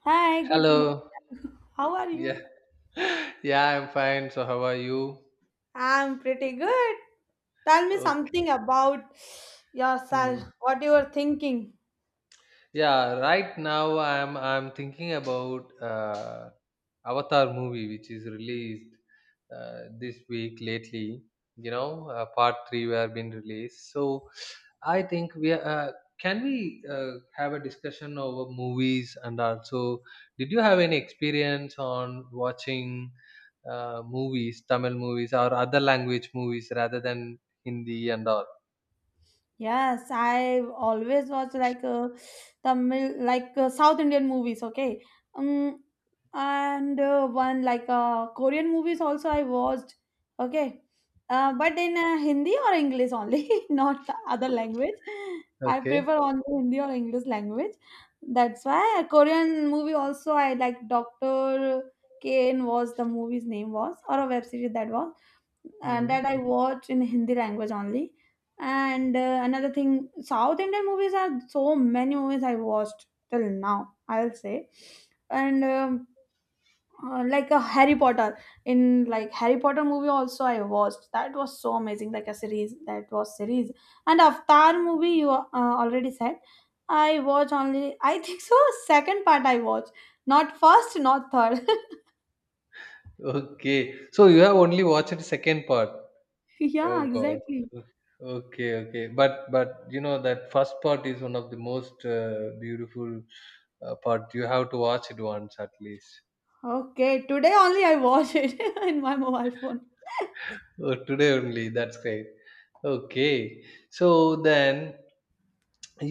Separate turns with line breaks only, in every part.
Hi, good.
Hello.
How are
Yeah.
you?
Yeah, I'm fine. So how are you?
I'm pretty good. Tell me
Okay.
something about yourself,
Hmm.
what you are thinking.
Yeah, right now I'm thinking about Avatar movie, which is released this week lately. Part three were been released. So I think we are, can we have a discussion over movies, and also did you have any experience on watching movies, Tamil movies or other language movies rather than Hindi and all?
Yes, I always watch like Tamil, like South Indian movies. Okay. um, and one like Korean movies also I watched. Okay. But in Hindi or English only, not other language. I
Okay.
prefer only Hindi or English language. That's why a Korean movie also I like. Doctor Kane was the movie's name was, or a web series that was, and that I watch in Hindi language only. And another thing, South Indian movies, are so many movies I watched till now, I'll say. And like a Harry Potter, in like Harry Potter movie also I watched. That was so amazing, like a series. That was series. And Avatar movie you already said. I watch only, I think so, second part I watch, not first, not third.
Okay. So you have only watched the second part.
Yeah,
Oh God.
exactly.
Okay, okay. But you know that first part is one of the most beautiful part. You have to watch it once at least.
Okay, today only I watch it in my mobile phone.
Oh, today only. That's great. Okay. So then,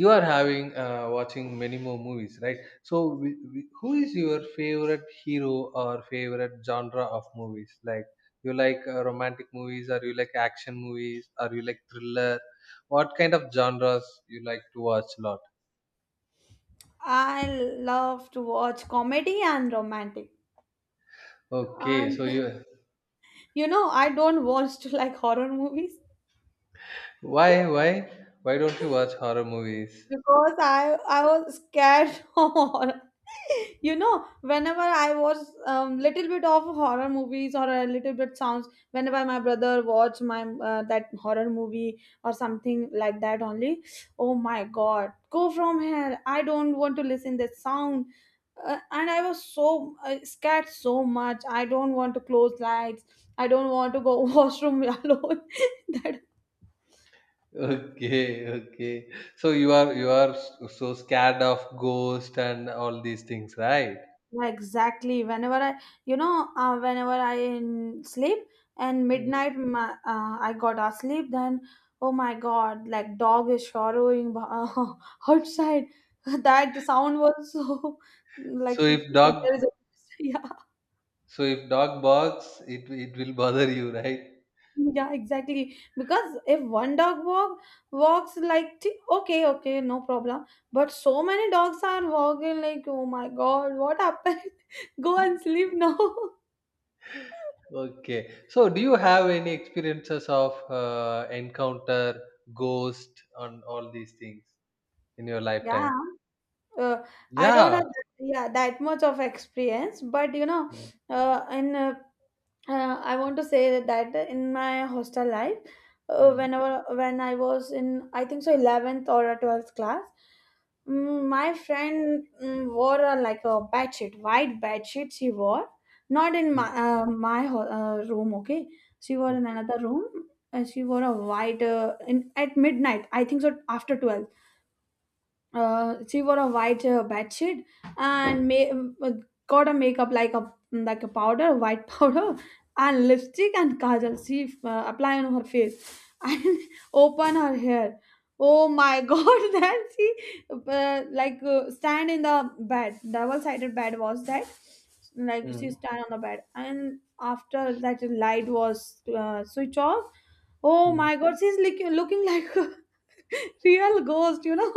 you are having watching many more movies, right? So who is your favorite hero or favorite genre of movies? Like, you like romantic movies, or you like action movies, or you like thriller? What kind of genres you like to watch a lot?
I love to watch comedy and romantic.
Okay,
And
so you.
you know, I don't watch like horror movies.
why why why don't you watch horror movies?
Because I was scared of horror. You know, whenever I was little bit of horror movies or a little bit sounds, whenever my brother watched my that horror movie or something like that only, oh my god, go from here! I don't want to listen that sound. And I was so scared so much. I don't want to close lights. I don't want to go washroom alone. That.
okay, okay. So you are, you are so scared of ghost and all these things, right?
Yeah, exactly. Whenever I, you know, whenever I in sleep and
Mm.
midnight, my, I got asleep. Then, oh my God, like dog is showering outside. That sound was so,
So
like
if
there
dog.
is a yeah.
So if dog barks, it will bother you, right?
Yeah, exactly, because if one dog walk walks like okay, okay, no problem, but so many dogs are walking, like oh my God, what happened? Go and sleep now.
Okay. So do you have any experiences of encounter, ghost, on all these things in your
Yeah.
lifetime?
uh, I don't
Yeah.
have that, yeah, that much of experience, but you know,
Mm,
in uh, I want to say that in my hostel life,
mm,
whenever when I was in, I think so, 11th or a 12th class. Mm, my friend wore a, like a bed sheet, white bed sheet she wore, not in my
mm.
my room. Okay, she wore in
Okay.
another room, and she wore a white in at midnight, I think so after 12. She wore a white bed and got a makeup like a powder, white powder, and lipstick and kajal. She apply on her face and open her hair. Oh my god! Then she stand in the bed, double sided bed was that. Like she
Mm,
stand on the bed, and after that light was switch off. Oh
mm.
my god! She's looking like a real ghost, you know.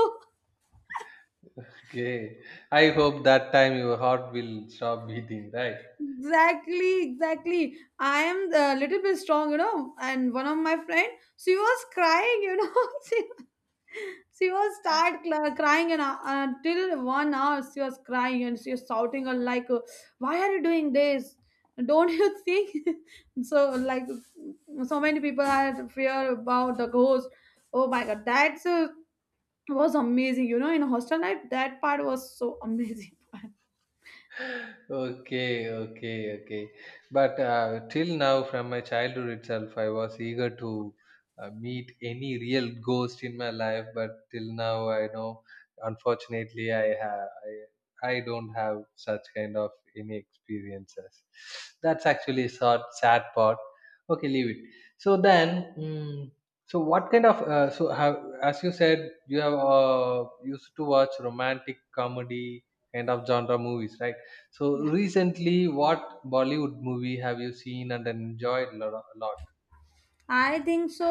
Okay. I hope that time your heart will stop beating, right?
Exactly, exactly. I am a little bit strong, you know. And one of my friend, she was crying, you know. She was start crying and until 1 hour she was crying, and she was shouting "Why are you doing this? Don't you think?" So like, so many people had fear about the ghost. Oh my god, that was amazing, you know. In hostel life, that part was so amazing.
Okay, okay, okay. But till now, from my childhood itself, I was eager to meet any real ghost in my life. But till now, I know, unfortunately, I have, I don't have such kind of any experiences. That's actually a sad, sad part. Okay, leave it. So then, mm, so what kind of so have, as you said, you have used to watch romantic comedy kind of genre movies, right? So recently, what Bollywood movie have you seen and enjoyed a lot?
I think so.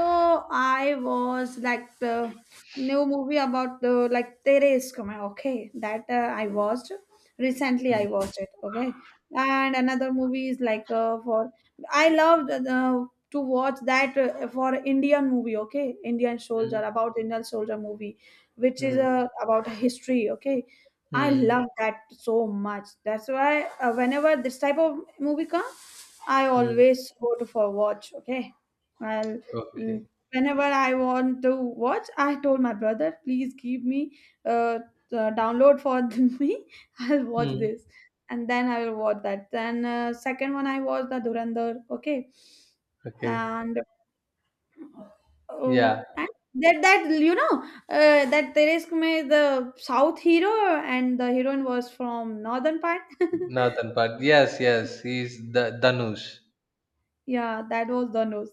I was like the new movie about the like Tere Iskam Hai, okay, that I watched recently. I
Mm,
watched it. Okay, and another movie is like for I loved to watch that for Indian movie, okay, Indian soldier,
mm,
about Indian soldier movie, which is
mm,
about history. Okay, I
mm,
love that so much. That's why whenever this type of movie comes, I
mm.
always go to for watch. Okay, I'll,
Okay.
mm, whenever I want to watch, I told my brother, please give me uh, download for me. I'll watch
Mm.
this, and then I will watch that. Then second one I watched the Durandar. Okay,
Okay.
and
Yeah.
oh, and that you know, that Teresk May the South hero and the heroine was from northern part.
Nathan part. Yes, yes. He's the Danush.
Yeah, that was the news.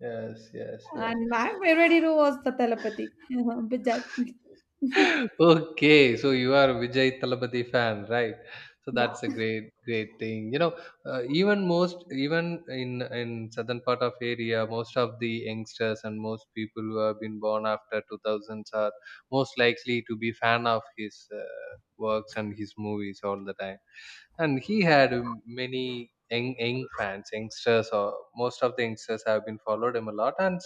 Yes, yes, yes.
And my favorite hero was the telepathy, Bijay.
Okay, so you are a Vijay Thalapathy fan, right? So
Yeah.
that's a great, great thing. You know, even most, even in southern part of area, most of the youngsters and most people who have been born after 2000s are most likely to be fan of his uh, works and his movies all the time. And he had many young, young fans, youngsters, or most of the youngsters have been followed him a lot. and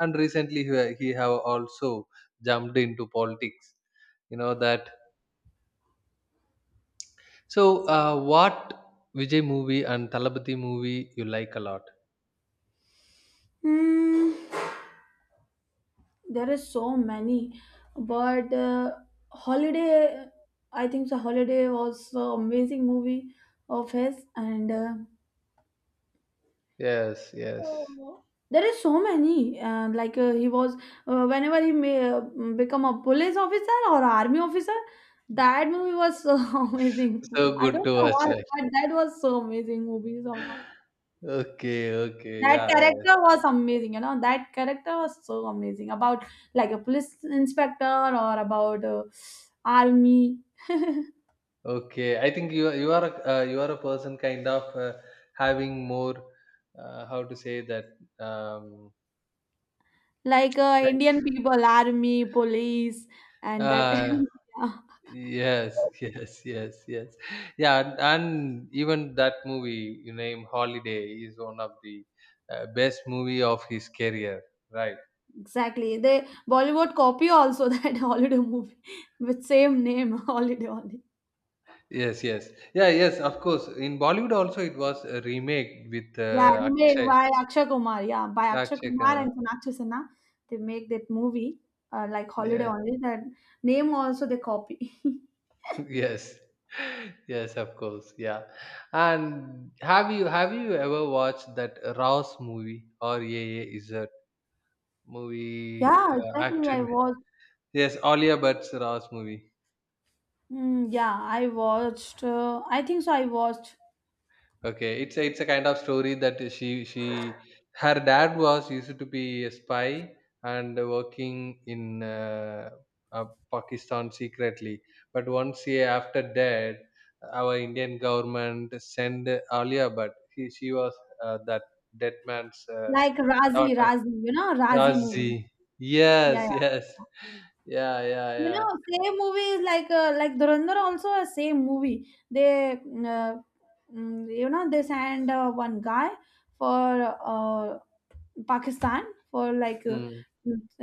and recently he, he have also jumped into politics, you know that. So what Vijay movie and Talabati movie you like a lot?
Hmm, there are so many, but Holiday, I think the Holiday was an amazing movie of his, and
Yes, yes.
oh, there is so many. And like he was, whenever he may become a police officer or army officer, that movie was so amazing.
So
I
good
don't
to
know why,
watch, right?
but that was so amazing movie somehow.
Okay, okay,
That
yeah, yeah, yes.
character was amazing, you know, that character was so amazing, about like a police inspector or about army,
Okay, I think you are, you are a person kind of having more, how to say that, um,
like
like.
Indian people, army, police and that.
Uh, yes,
Yeah,
yes, yes, yes. Yeah, and even that movie you name Holiday is one of the best movie of his career, right?
exactly, they Bollywood copy also that Holiday movie with same name, Holiday only.
Yes, yes, yeah, yes. Of course, in Bollywood also it was a remake with
Yeah, remade
Akshay.
by Akshay Kumar. Yeah, by Akshay
Akshay,
Kumar and
Kumar.
Sonakshi Sinha. They make that movie like Holiday
Yeah,
only, that name also they copy.
yes, yes, of course, yeah. And have you, have you ever watched that Rouse movie or Yeah Yeah Is It movie,
Yeah, exactly. I
action?
was.
Yes, Alia Bhatt's Ross movie.
Mm, yeah, I watched. I think so. I watched
Okay, it's a kind of story that she her dad was used to be a spy and working in uh, Pakistan secretly. But once he after death, our Indian government sent Alia Bhatt. He, she was that dead man's
like Razi,
daughter,
Razi. You know, Razi movie.
Razi.
Yeah, yeah.
Yes, yes, yeah, yeah,
You
yeah.
know, same movie is like Dhurandhar also a same movie. They, you know, they send one guy for Pakistan for
Hmm.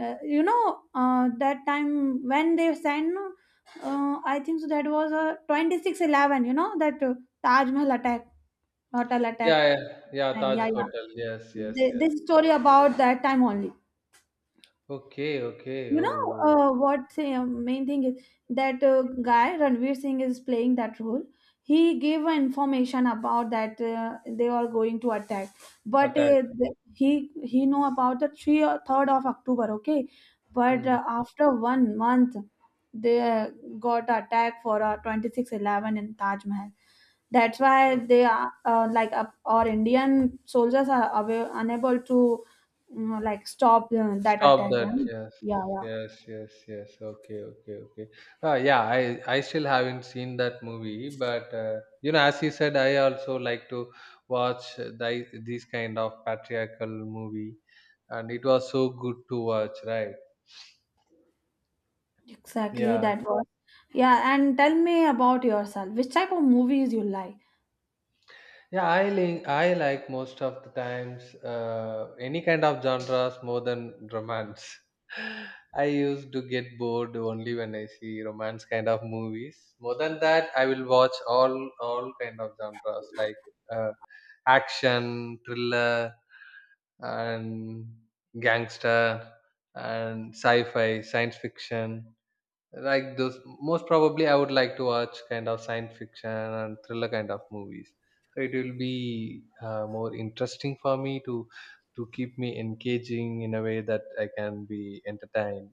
you know, that time when they send, I think so, that was 2611, you know that Taj Mahal attack, hotel attack.
Yeah, yeah, yeah,
And
Taj
yeah,
Hotel. Yes,
yeah,
yes, yes.
This story about that time only.
Okay, okay.
You know,
Oh, oh.
what the main thing is that guy Ranveer Singh is playing that role. He gave an information about that they are going to attack, but
Attack.
he know about the 3rd or 3rd of October. Okay, but
Hmm.
after 1 month, they got attack for 26/11 in Taj Mahal. That's why
Uh,
they are our Indian soldiers are away, unable to, mm, like stop that
stop
attack. Yeah,
that. Yes,
yeah, yeah,
yes, yes, yes. Okay, okay, okay. Yeah, I still haven't seen that movie, but you know, as you said, I also like to watch the, these kind of patriarchal movie, and it was so good to watch, right?
exactly.
Yeah.
That was, yeah. And tell me about yourself. Which type of movies you like?
Yeah, I like most of the times any kind of genres more than romance. I used to get bored only when I see romance kind of movies. More than that, I will watch all kind of genres, like uh, action, thriller, and gangster, and sci-fi, science fiction. Like those, most probably I would like to watch kind of science fiction and thriller kind of movies. So it will be more interesting for me to keep me engaging in a way that I can be entertained.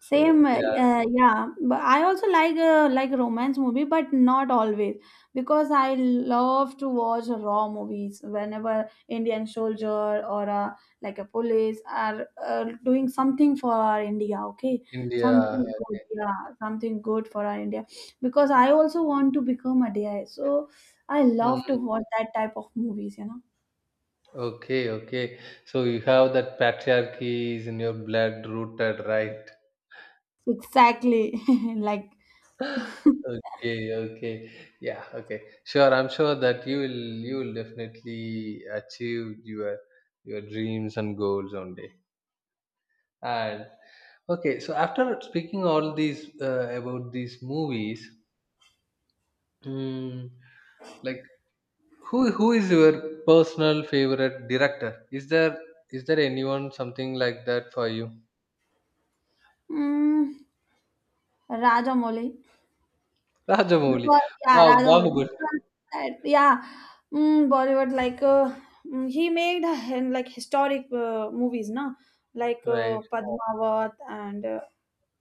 Same,
So yeah.
yeah. But I also like romance movie, but not always, because I love to watch raw movies. Whenever Indian soldier or a, like a police are doing something for our India, okay,
India.
something good, yeah, something good for our India. Because I also want to become a DI, so I love to
Hmm.
watch that type of movies. You know,
Okay, okay, so you have that patriarchy is in your blood rooted, right?
exactly. Like,
Okay, okay. Yeah, okay. Sure, I'm sure that you will definitely achieve your dreams and goals one day. And okay, so after speaking all these about these movies, mm, like, who is your personal favorite director? Is there, is there anyone something like that for you?
mm, Rajamouli.
Rajamouli.
Because, yeah,
Wow,
Raja only,
Bahubali.
because that, yeah, mm, Bollywood like, he made like historic movies, na. Like
Right.
Padmavat and uh,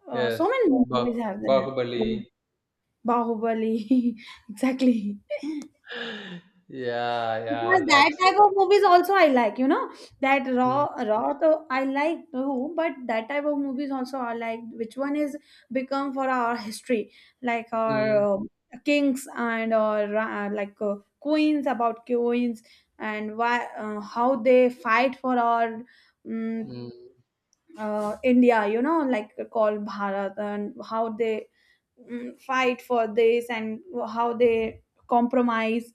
uh, so
Yes.
many
Bah
movies have that. Yeah,
Bahubali.
Bahubali, exactly.
Yeah,
Because
yeah,
that
that's
type
it.
of movies also I like, you know, that raw
Mm,
raw though I like too, but that type of movies also I like. Which one is become for our history, like
mm,
our kings and or queens, about queens, and why how they fight for our, um,
mm.
India, you know, like called Bharat, and how they, mm, fight for this, and how they compromise.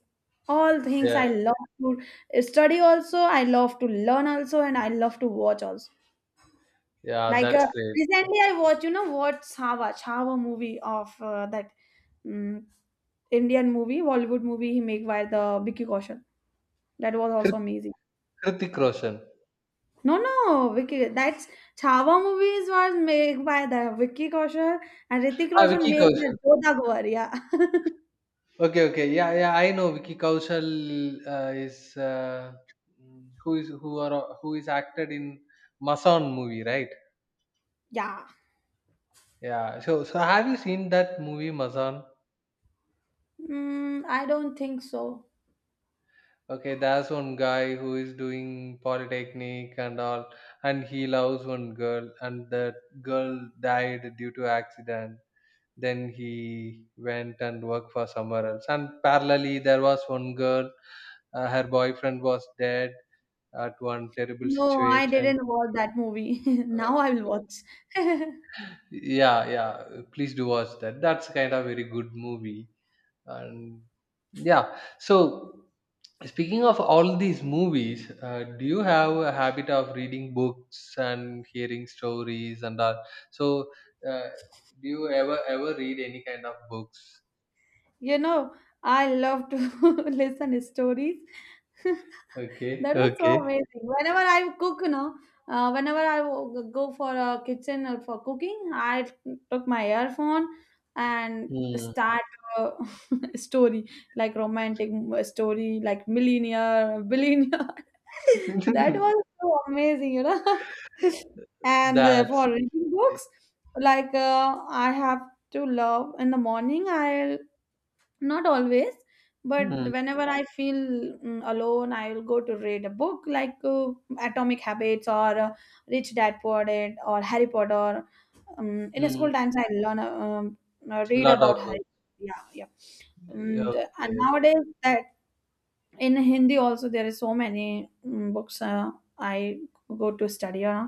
All things
Yeah,
I love to study also. I love to learn also, and I love to watch also.
yeah,
Like
that's great.
recently, I watched, you know, what Chhawa, Chhawa movie of that, mm, Indian movie, Bollywood movie he make by the Vicky Kaushal. That was also
Hrit-
amazing.
Hrithik Roshan.
No, no, Vicky. That's Chhawa movies was made by the Vicky Kaushal, and Ritik
Ah,
Roshan
Vicky
made
Kaushal.
the Jodha Gowar. Yeah,
Okay, okay. Yeah, yeah, I know Vicky Kaushal is who is who is acted in Masan movie, right?
yeah.
Yeah. So, so have you seen that movie Mazan?
Mm, I don't think so.
Okay, there's one guy who is doing polytechnic and all, and he loves one girl, and that girl died due to accident. Then he went and worked for somewhere else, and parallelly there was one girl, her boyfriend was dead at one terrible
No, I
situation.
didn't watch that movie.
Uh,
Now I will watch.
yeah, yeah, please do watch that. That's kind of very good movie. And yeah, so speaking of all these movies, do you have a habit of reading books and hearing stories and all? So uh, do you ever, ever read any kind of books?
You know, I love to listen stories.
Okay,
That was
okay.
so amazing. Whenever I cook, you know, whenever I go for a kitchen or for cooking, I took my earphone and
Hmm.
start a story, like romantic story, like millionaire, billionaire. That was so amazing, you know. And
That's,
for reading books, like I have to love in the morning, I'll not always, but
hmm, hmm.
whenever I feel, mm, alone, I will go to read a book, like Atomic Habits or Rich Dad Poor Dad or Harry Potter. In school times, I learn, read
Lot of
about
work.
Harry. Yeah, yeah.
Okay,
And and
okay.
nowadays, that in Hindi also there is so many mm books I go to study.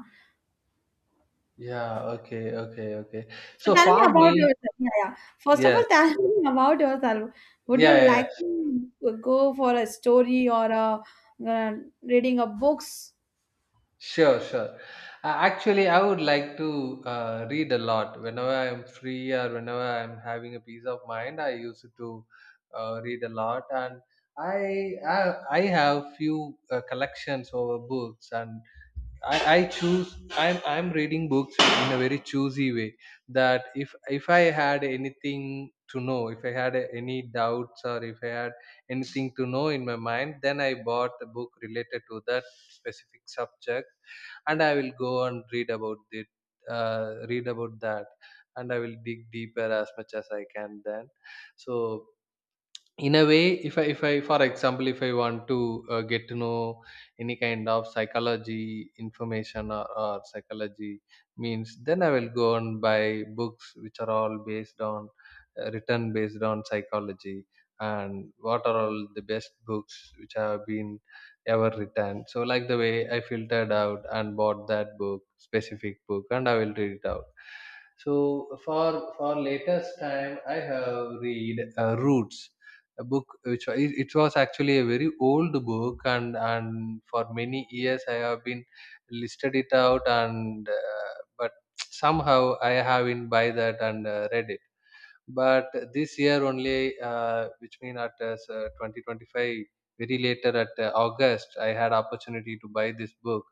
Yeah, okay, okay, okay.
So
So
tell me
for
about
me,
yourself. Yeah, yeah. First of all,
yes,
tell me about yourself. Would you
yeah, yeah, yeah.
like to go for a story or a, uh, reading of books?
Sure, sure. Actually, I would like to read a lot. Whenever I'm free, or whenever I'm having a peace of mind, I used to read a lot, and I, I have few collections over books, and I choose, I'm reading books in a very choosy way. That if I had anything to know, if I had any doubts, or if I had anything to know in my mind, then I bought a book related to that specific subject, and I will go and read about it, read about that. And I will dig deeper as much as I can then. So in a way, if I for example, if I want to get to know any kind of psychology information, or psychology means, then I will go and buy books which are all based on written based on psychology. And what are all the best books which have been ever written, so like the way I filtered out and bought that book, specific book, and I will read it out. So for for latest time I have read Roots, a book which it, it was actually a very old book. And for many years I have been listed it out. And but somehow I haven't buy that and read it. But this year only which mean at 2025, very later at August, I had opportunity to buy this book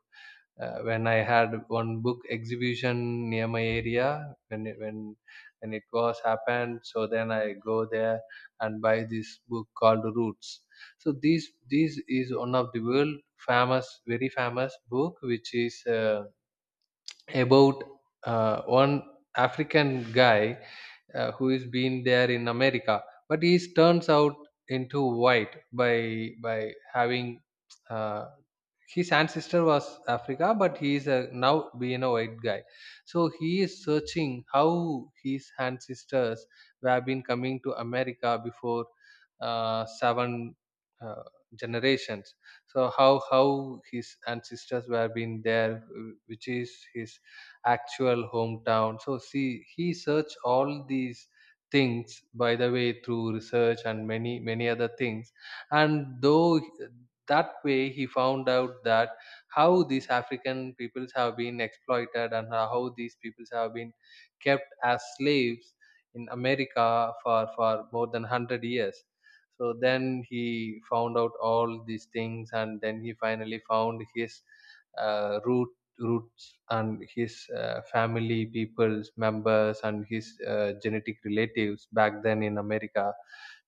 when I had one book exhibition near my area when it was happened. So then I go there and buy this book called Roots. So this is one of the world famous, very famous book, which is about one African guy who is been there in America, but he turns out into white by having uh, his ancestor was Africa, but he is a, now being a white guy. So he is searching how his ancestors have been coming to America before seven uh, generations. So how his ancestors were been there, which is his actual hometown. So see, he searched all these things by the way through research and many many other things, and though that way he found out that how these african peoples have been exploited and how these peoples have been kept as slaves in america for more than 100 years. So then he found out all these things and then he finally found his uh, root roots and his family people's members and his genetic relatives back then in america,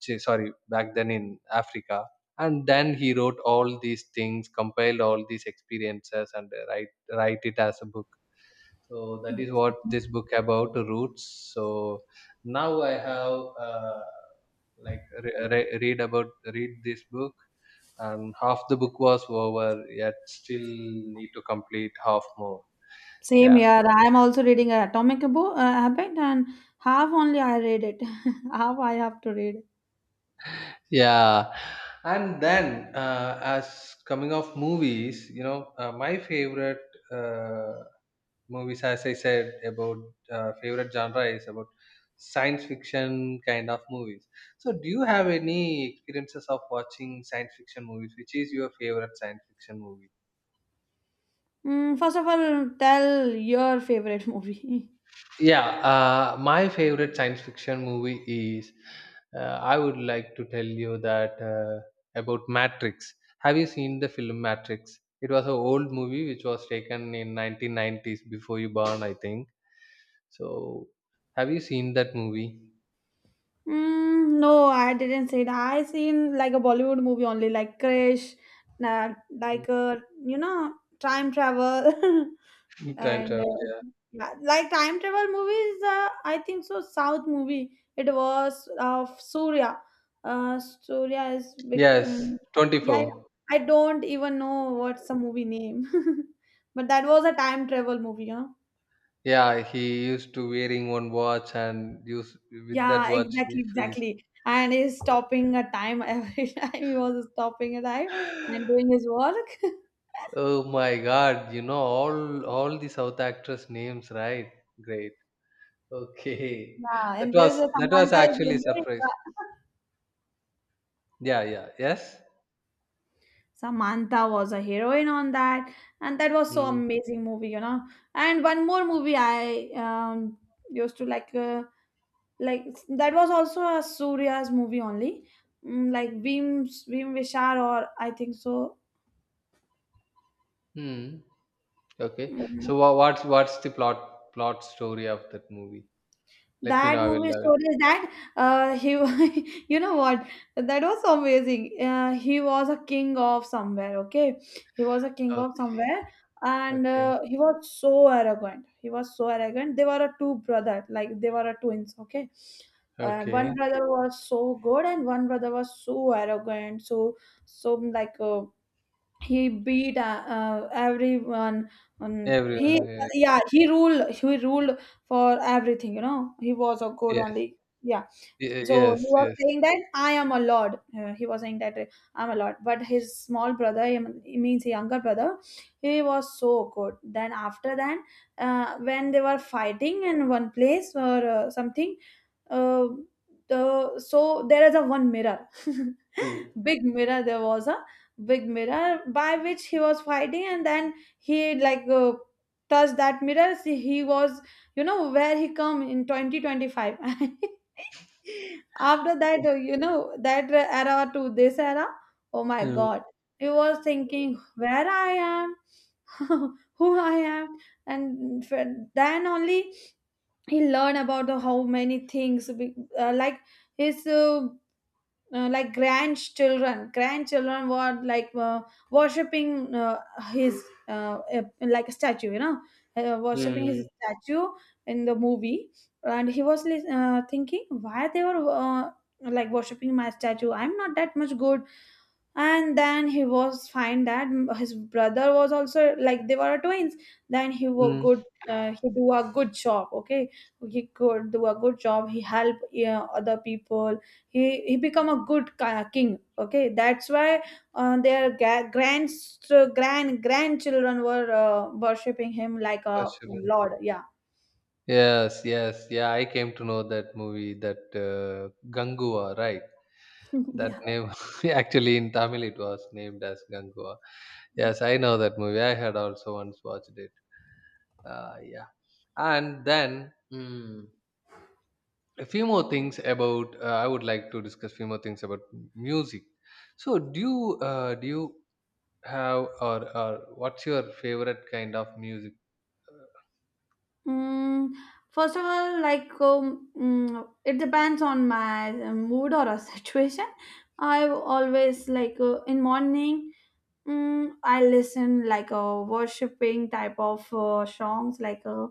sorry, back then in africa. And then he wrote all these things, compiled all these experiences and write it as a book. So that is what this book about roots. So now I have uh, like re- re- read about read this book, and half the book was over, yet still need to complete half more.
Same
Yeah.
here. I am also reading a Atomic book, Habit, and half only I read it. Half I have to read.
Yeah, and then as coming off movies, you know, my favorite uh, movies, as I said, about favorite genre is about science fiction kind of movies. So, do you have any experiences of watching science fiction movies? Which is your favorite science fiction movie?
Mm, first of all, tell your favorite movie.
Yeah, my favorite science fiction movie is. I would like to tell you that about Matrix. Have you seen the film Matrix? It was an old movie which was taken in 1990s before you born, I think. So, have you seen that movie?
Mm, no, I didn't see that. I seen like a Bollywood movie only, like Krish, na-
Mm.
like uh, you know, time travel,
Time
and
travel. Yeah.
Yeah, like time travel movies. I think so. South movie. It was of Surya. Surya is big.
Yes,
Yeah, yeah.
24.
I don't even know what's the movie name, but that was a time travel movie, huh?
Yeah, he used to wearing one watch and use with that
Yeah,
watch he
exactly,
frees.
exactly. And he's stopping a time every time he was stopping a time and doing his work.
Oh my God, you know all the South actress names, right? Great. Okay.
Yeah,
That
and
was
there's a
that was
Samantha is a
actually a
heroine.
surprise.
Yeah.
Yeah, yeah. Yes?
Samantha was a heroine on that, and that was so
Mm.
amazing movie, And one more movie I used to like, like that was also a Surya's movie only, mm, like Veem Veem Vishal or I think so.
Hmm. Okay.
Mm,
So what's the plot story of that movie? Let me know.
that
I
movie
will. I will.
story is that he, you know what, that was so amazing. He was a king of somewhere, okay? He was a king of
Okay.
somewhere, and
Okay.
he was so arrogant. He was so arrogant. They were a two brother, like they were a twins, okay? One
Okay.
brother was so good, and one brother was so arrogant, so so like, he beat everyone on he,
Everyone.
yeah, he ruled, he ruled for everything, you know, he was a good
Yes. Yes.
only, yeah. So he
Yes.
was
Yes.
saying that I am a lord. He was saying that I'm a lord. But his small brother, he means younger brother, he was so good. Then after that, when they were fighting in one place or something, uh, the so there is a one mirror,
Mm.
big mirror. There was a big mirror by which he was fighting, and then he touched that mirror. See, he was, you know, where he come in 2025 after that, you know that, era to this era. Oh my
Mm.
god, he was thinking where I am, who I am, and f- then only he learned about the how many things like his, like grandchildren were like, worshipping, his, like a statue, you know, worshipping his
Mm.
statue in the movie. And he was thinking why they were, like, worshipping my statue, I'm not that much good. And then he was fine that his brother was also, like, they were twins. Then he was
Mm.
good. He do a good job, okay? He could do a good job, he help, yeah, other people. He become a good king, okay? That's why their grandchildren were, worshipping him like a
Ashuran.
lord, yeah.
Yes, yes, yeah. I came to know that movie, that Ganguva, right? That
Yeah.
name actually in Tamil it was named as Ganguva. Yes, I know that movie. I had also once watched it. Yeah, and then mm, a few more things about. I would like to discuss few more things about music. So, do you have or what's your favorite kind of music?
Mm, first of all, like it depends on my mood or a situation. I always like, in morning. Mm, I listen like a worshipping type of songs like,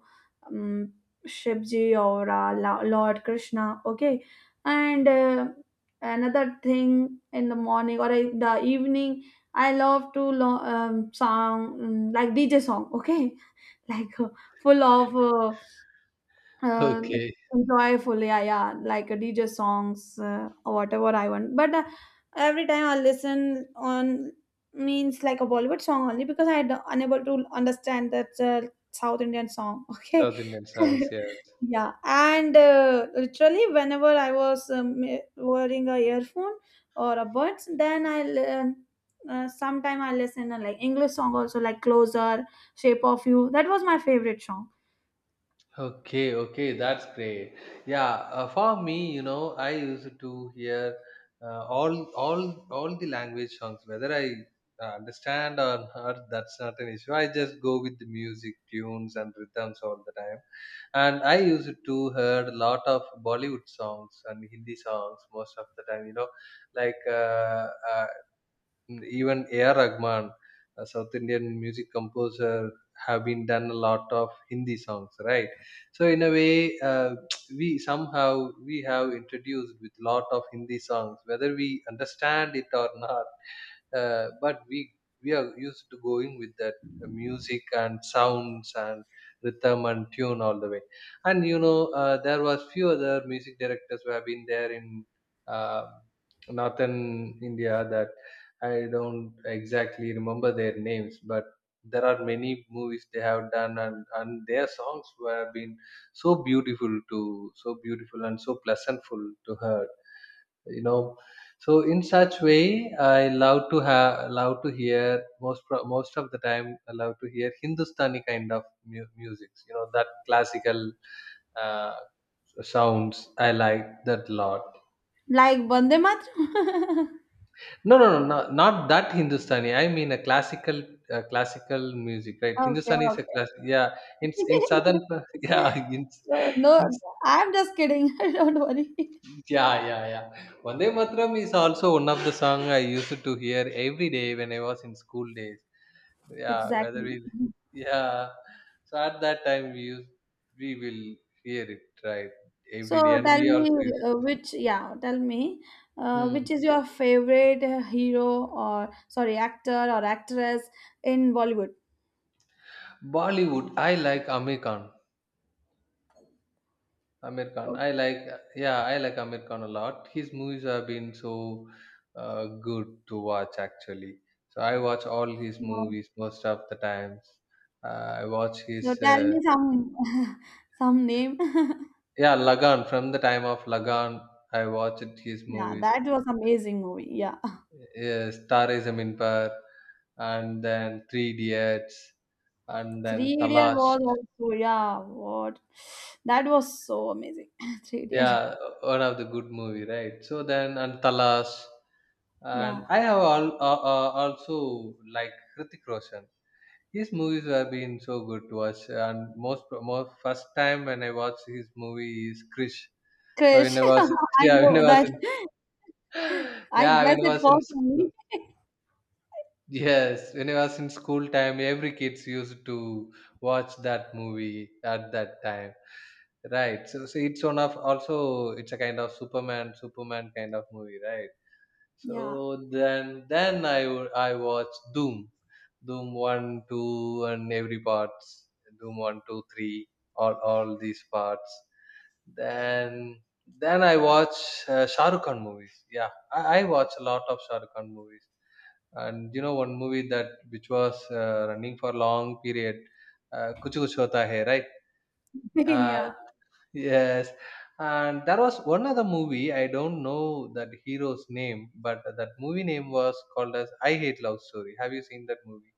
um, Shivji or Lord Krishna. Okay, and another thing in the morning or in the evening, I love to song, mm, like DJ song. Okay, like. Full of uh,
Okay,
Enjoy fully. Yeah, yeah, like a DJ songs, or whatever I want. But Every time I listen on means like a Bollywood song only because I unable to understand that South Indian song. Okay.
South Indian songs. Yes.
Yeah, and literally whenever I was wearing a earphone or a buds, then sometime I listen to like English song also like Closer, Shape of You. That was my favorite song.
Okay, okay, that's great. Yeah, for me, you know, I used to hear all all the language songs, whether I understand or not. That's not an issue. I just go with the music tunes and rhythms all the time. And I used to heard a lot of Bollywood songs and Hindi songs most of the time. You know, like uh, uh, mm, even A.R. Rahman, a South Indian music composer, have been done a lot of Hindi songs, right? So in a way, we have introduced with lot of Hindi songs, whether we understand it or not. But we are used to going with that music and sounds and rhythm and tune all the way. And you know, there was few other music directors who have been there in uh, northern India that I don't exactly remember their names, but there are many movies they have done, and their songs were been so beautiful and so pleasantful to hear. You know, so in such way, I love to have love to hear most of the time. I love to hear Hindustani kind of music. You know that classical uh, sounds. I like that lot.
Like Vande Mataram?
No, no, no, no, not that Hindustani. I mean a classical, classical music, right?
Okay,
Hindustani is a class. Yeah, in southern,
okay.
yeah,
No,
in
no, I'm just kidding. Don't worry.
yeah, yeah, yeah. Vande Matram is also one of the song I used to hear every day when I was in school days. Yeah, whether we,
Exactly.
yeah. So at that time we will hear it right every day,
So
and
tell
we
me
also used.
yeah, tell me
Hmm.
which is your favorite hero or sorry, actor or actress in Bollywood?
Bollywood, I like Amir Khan. Aamir Khan.
So,
I like, yeah, I like Aamir Khan a lot. His movies have been so good to watch actually. So I watch all his
uh,
movies most of the times. Uh, I watch
so
his,
tell me some some name.
yeah, Lagan. From the time of Lagan, I watched his
Yeah,
movies.
that was amazing movie. Yeah.
Yes, Tare Zameen Par, and then Three Idiots, and then
Three Idiot
Talash.
was also, yeah, what, that was so amazing. Three Idiot,
Yeah, one of the good movie, right? So then and Talash. And
yeah,
also like Hrithik Roshan. His movies have been so good to watch. And most first time when I watched his movie is Krish. So
Krish. I
yeah, when
know
I was
that.
in,
I
yeah,
guess
when I
it
was in
was only,
school, yes, when I was in school time, every kids used to watch that movie at that time. Right. So, so it's one of also it's a kind of Superman kind of movie, right?
yeah,
So then I watched Doom, Doom one, two, and every parts, Doom one, two, three, all these parts. Then I watch Shah Rukh Khan movies. Yeah, I watch a lot of Shah Rukh Khan movies. And you know one movie that which was running for long period, Kuch Kuch Hota Hai, right? Uh,
yeah.
yes, and there was one other movie. I don't know that hero's name, but that movie name was called as "I Hate Love Story." Have you seen that movie?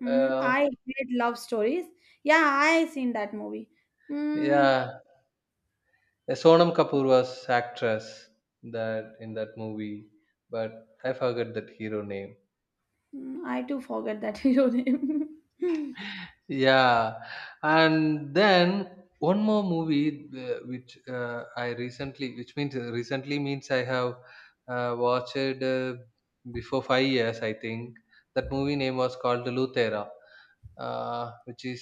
Mm,
Uh,
I hate love stories. Yeah, I seen that movie. Mm,
yeah, Sonam Kapoor was actress that in that movie, but I forgot that hero name.
I too forget that hero name.
Yeah, and then one more movie which I recently, which means recently means I have watched before 5 years, I think. That movie name was called Luthera, which is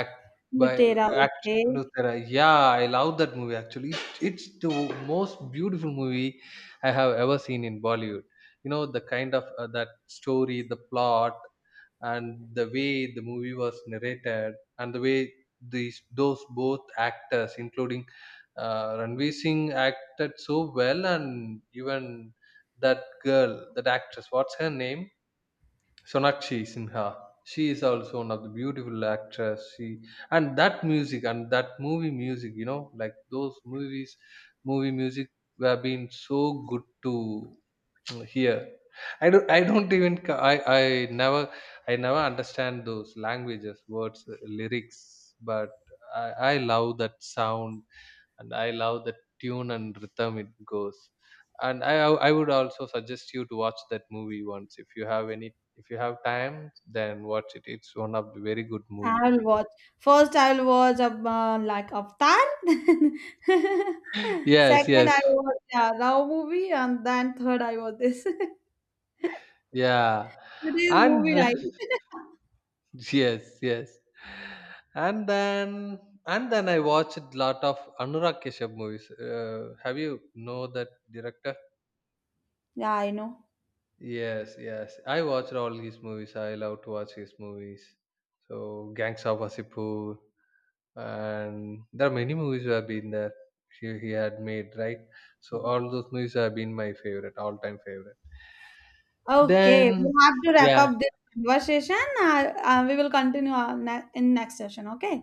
act by
Lutera,
act
okay.
Luthera. Yeah, I love that movie actually. It's the most beautiful movie I have ever seen in Bollywood. You know the kind of that story, the plot, and the way the movie was narrated and the way these those both actors including Ranveer Singh acted so well. And even that girl, that actress, what's her name, Sonakshi Sinha, she is also one of the beautiful actress. She and that music and that movie music, you know, like those movies movie music have been so good to here. I don't even I never understand those languages words, lyrics, but i I love that sound, and I love the tune and rhythm it goes, and I would also suggest you to watch that movie once. If you have time, then watch it. It's one of the very good movie.
I will watch. First, I will watch like Avatar.
Yes,
Second,
yes,
I will watch, yeah, Rao movie, and then third, I watch this.
yeah.
Today is movie
And
night.
yes, yes. And then and then I watched lot of Anurag Kashyap movies. Have you know that director?
Yeah, I know.
Yes, yes. I watched all his movies. I love to watch his movies. So Gangs of Wasseypur, and there are many movies who have been there. He had made, right. So all those movies have been my favorite, all time favorite.
Okay, we
Then
have to wrap
yeah,
up this conversation. We will continue our in next session. Okay.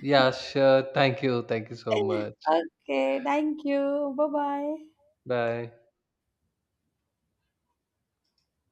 yeah, sure. Thank you so much.
Okay. Thank you. Bye bye.
Bye.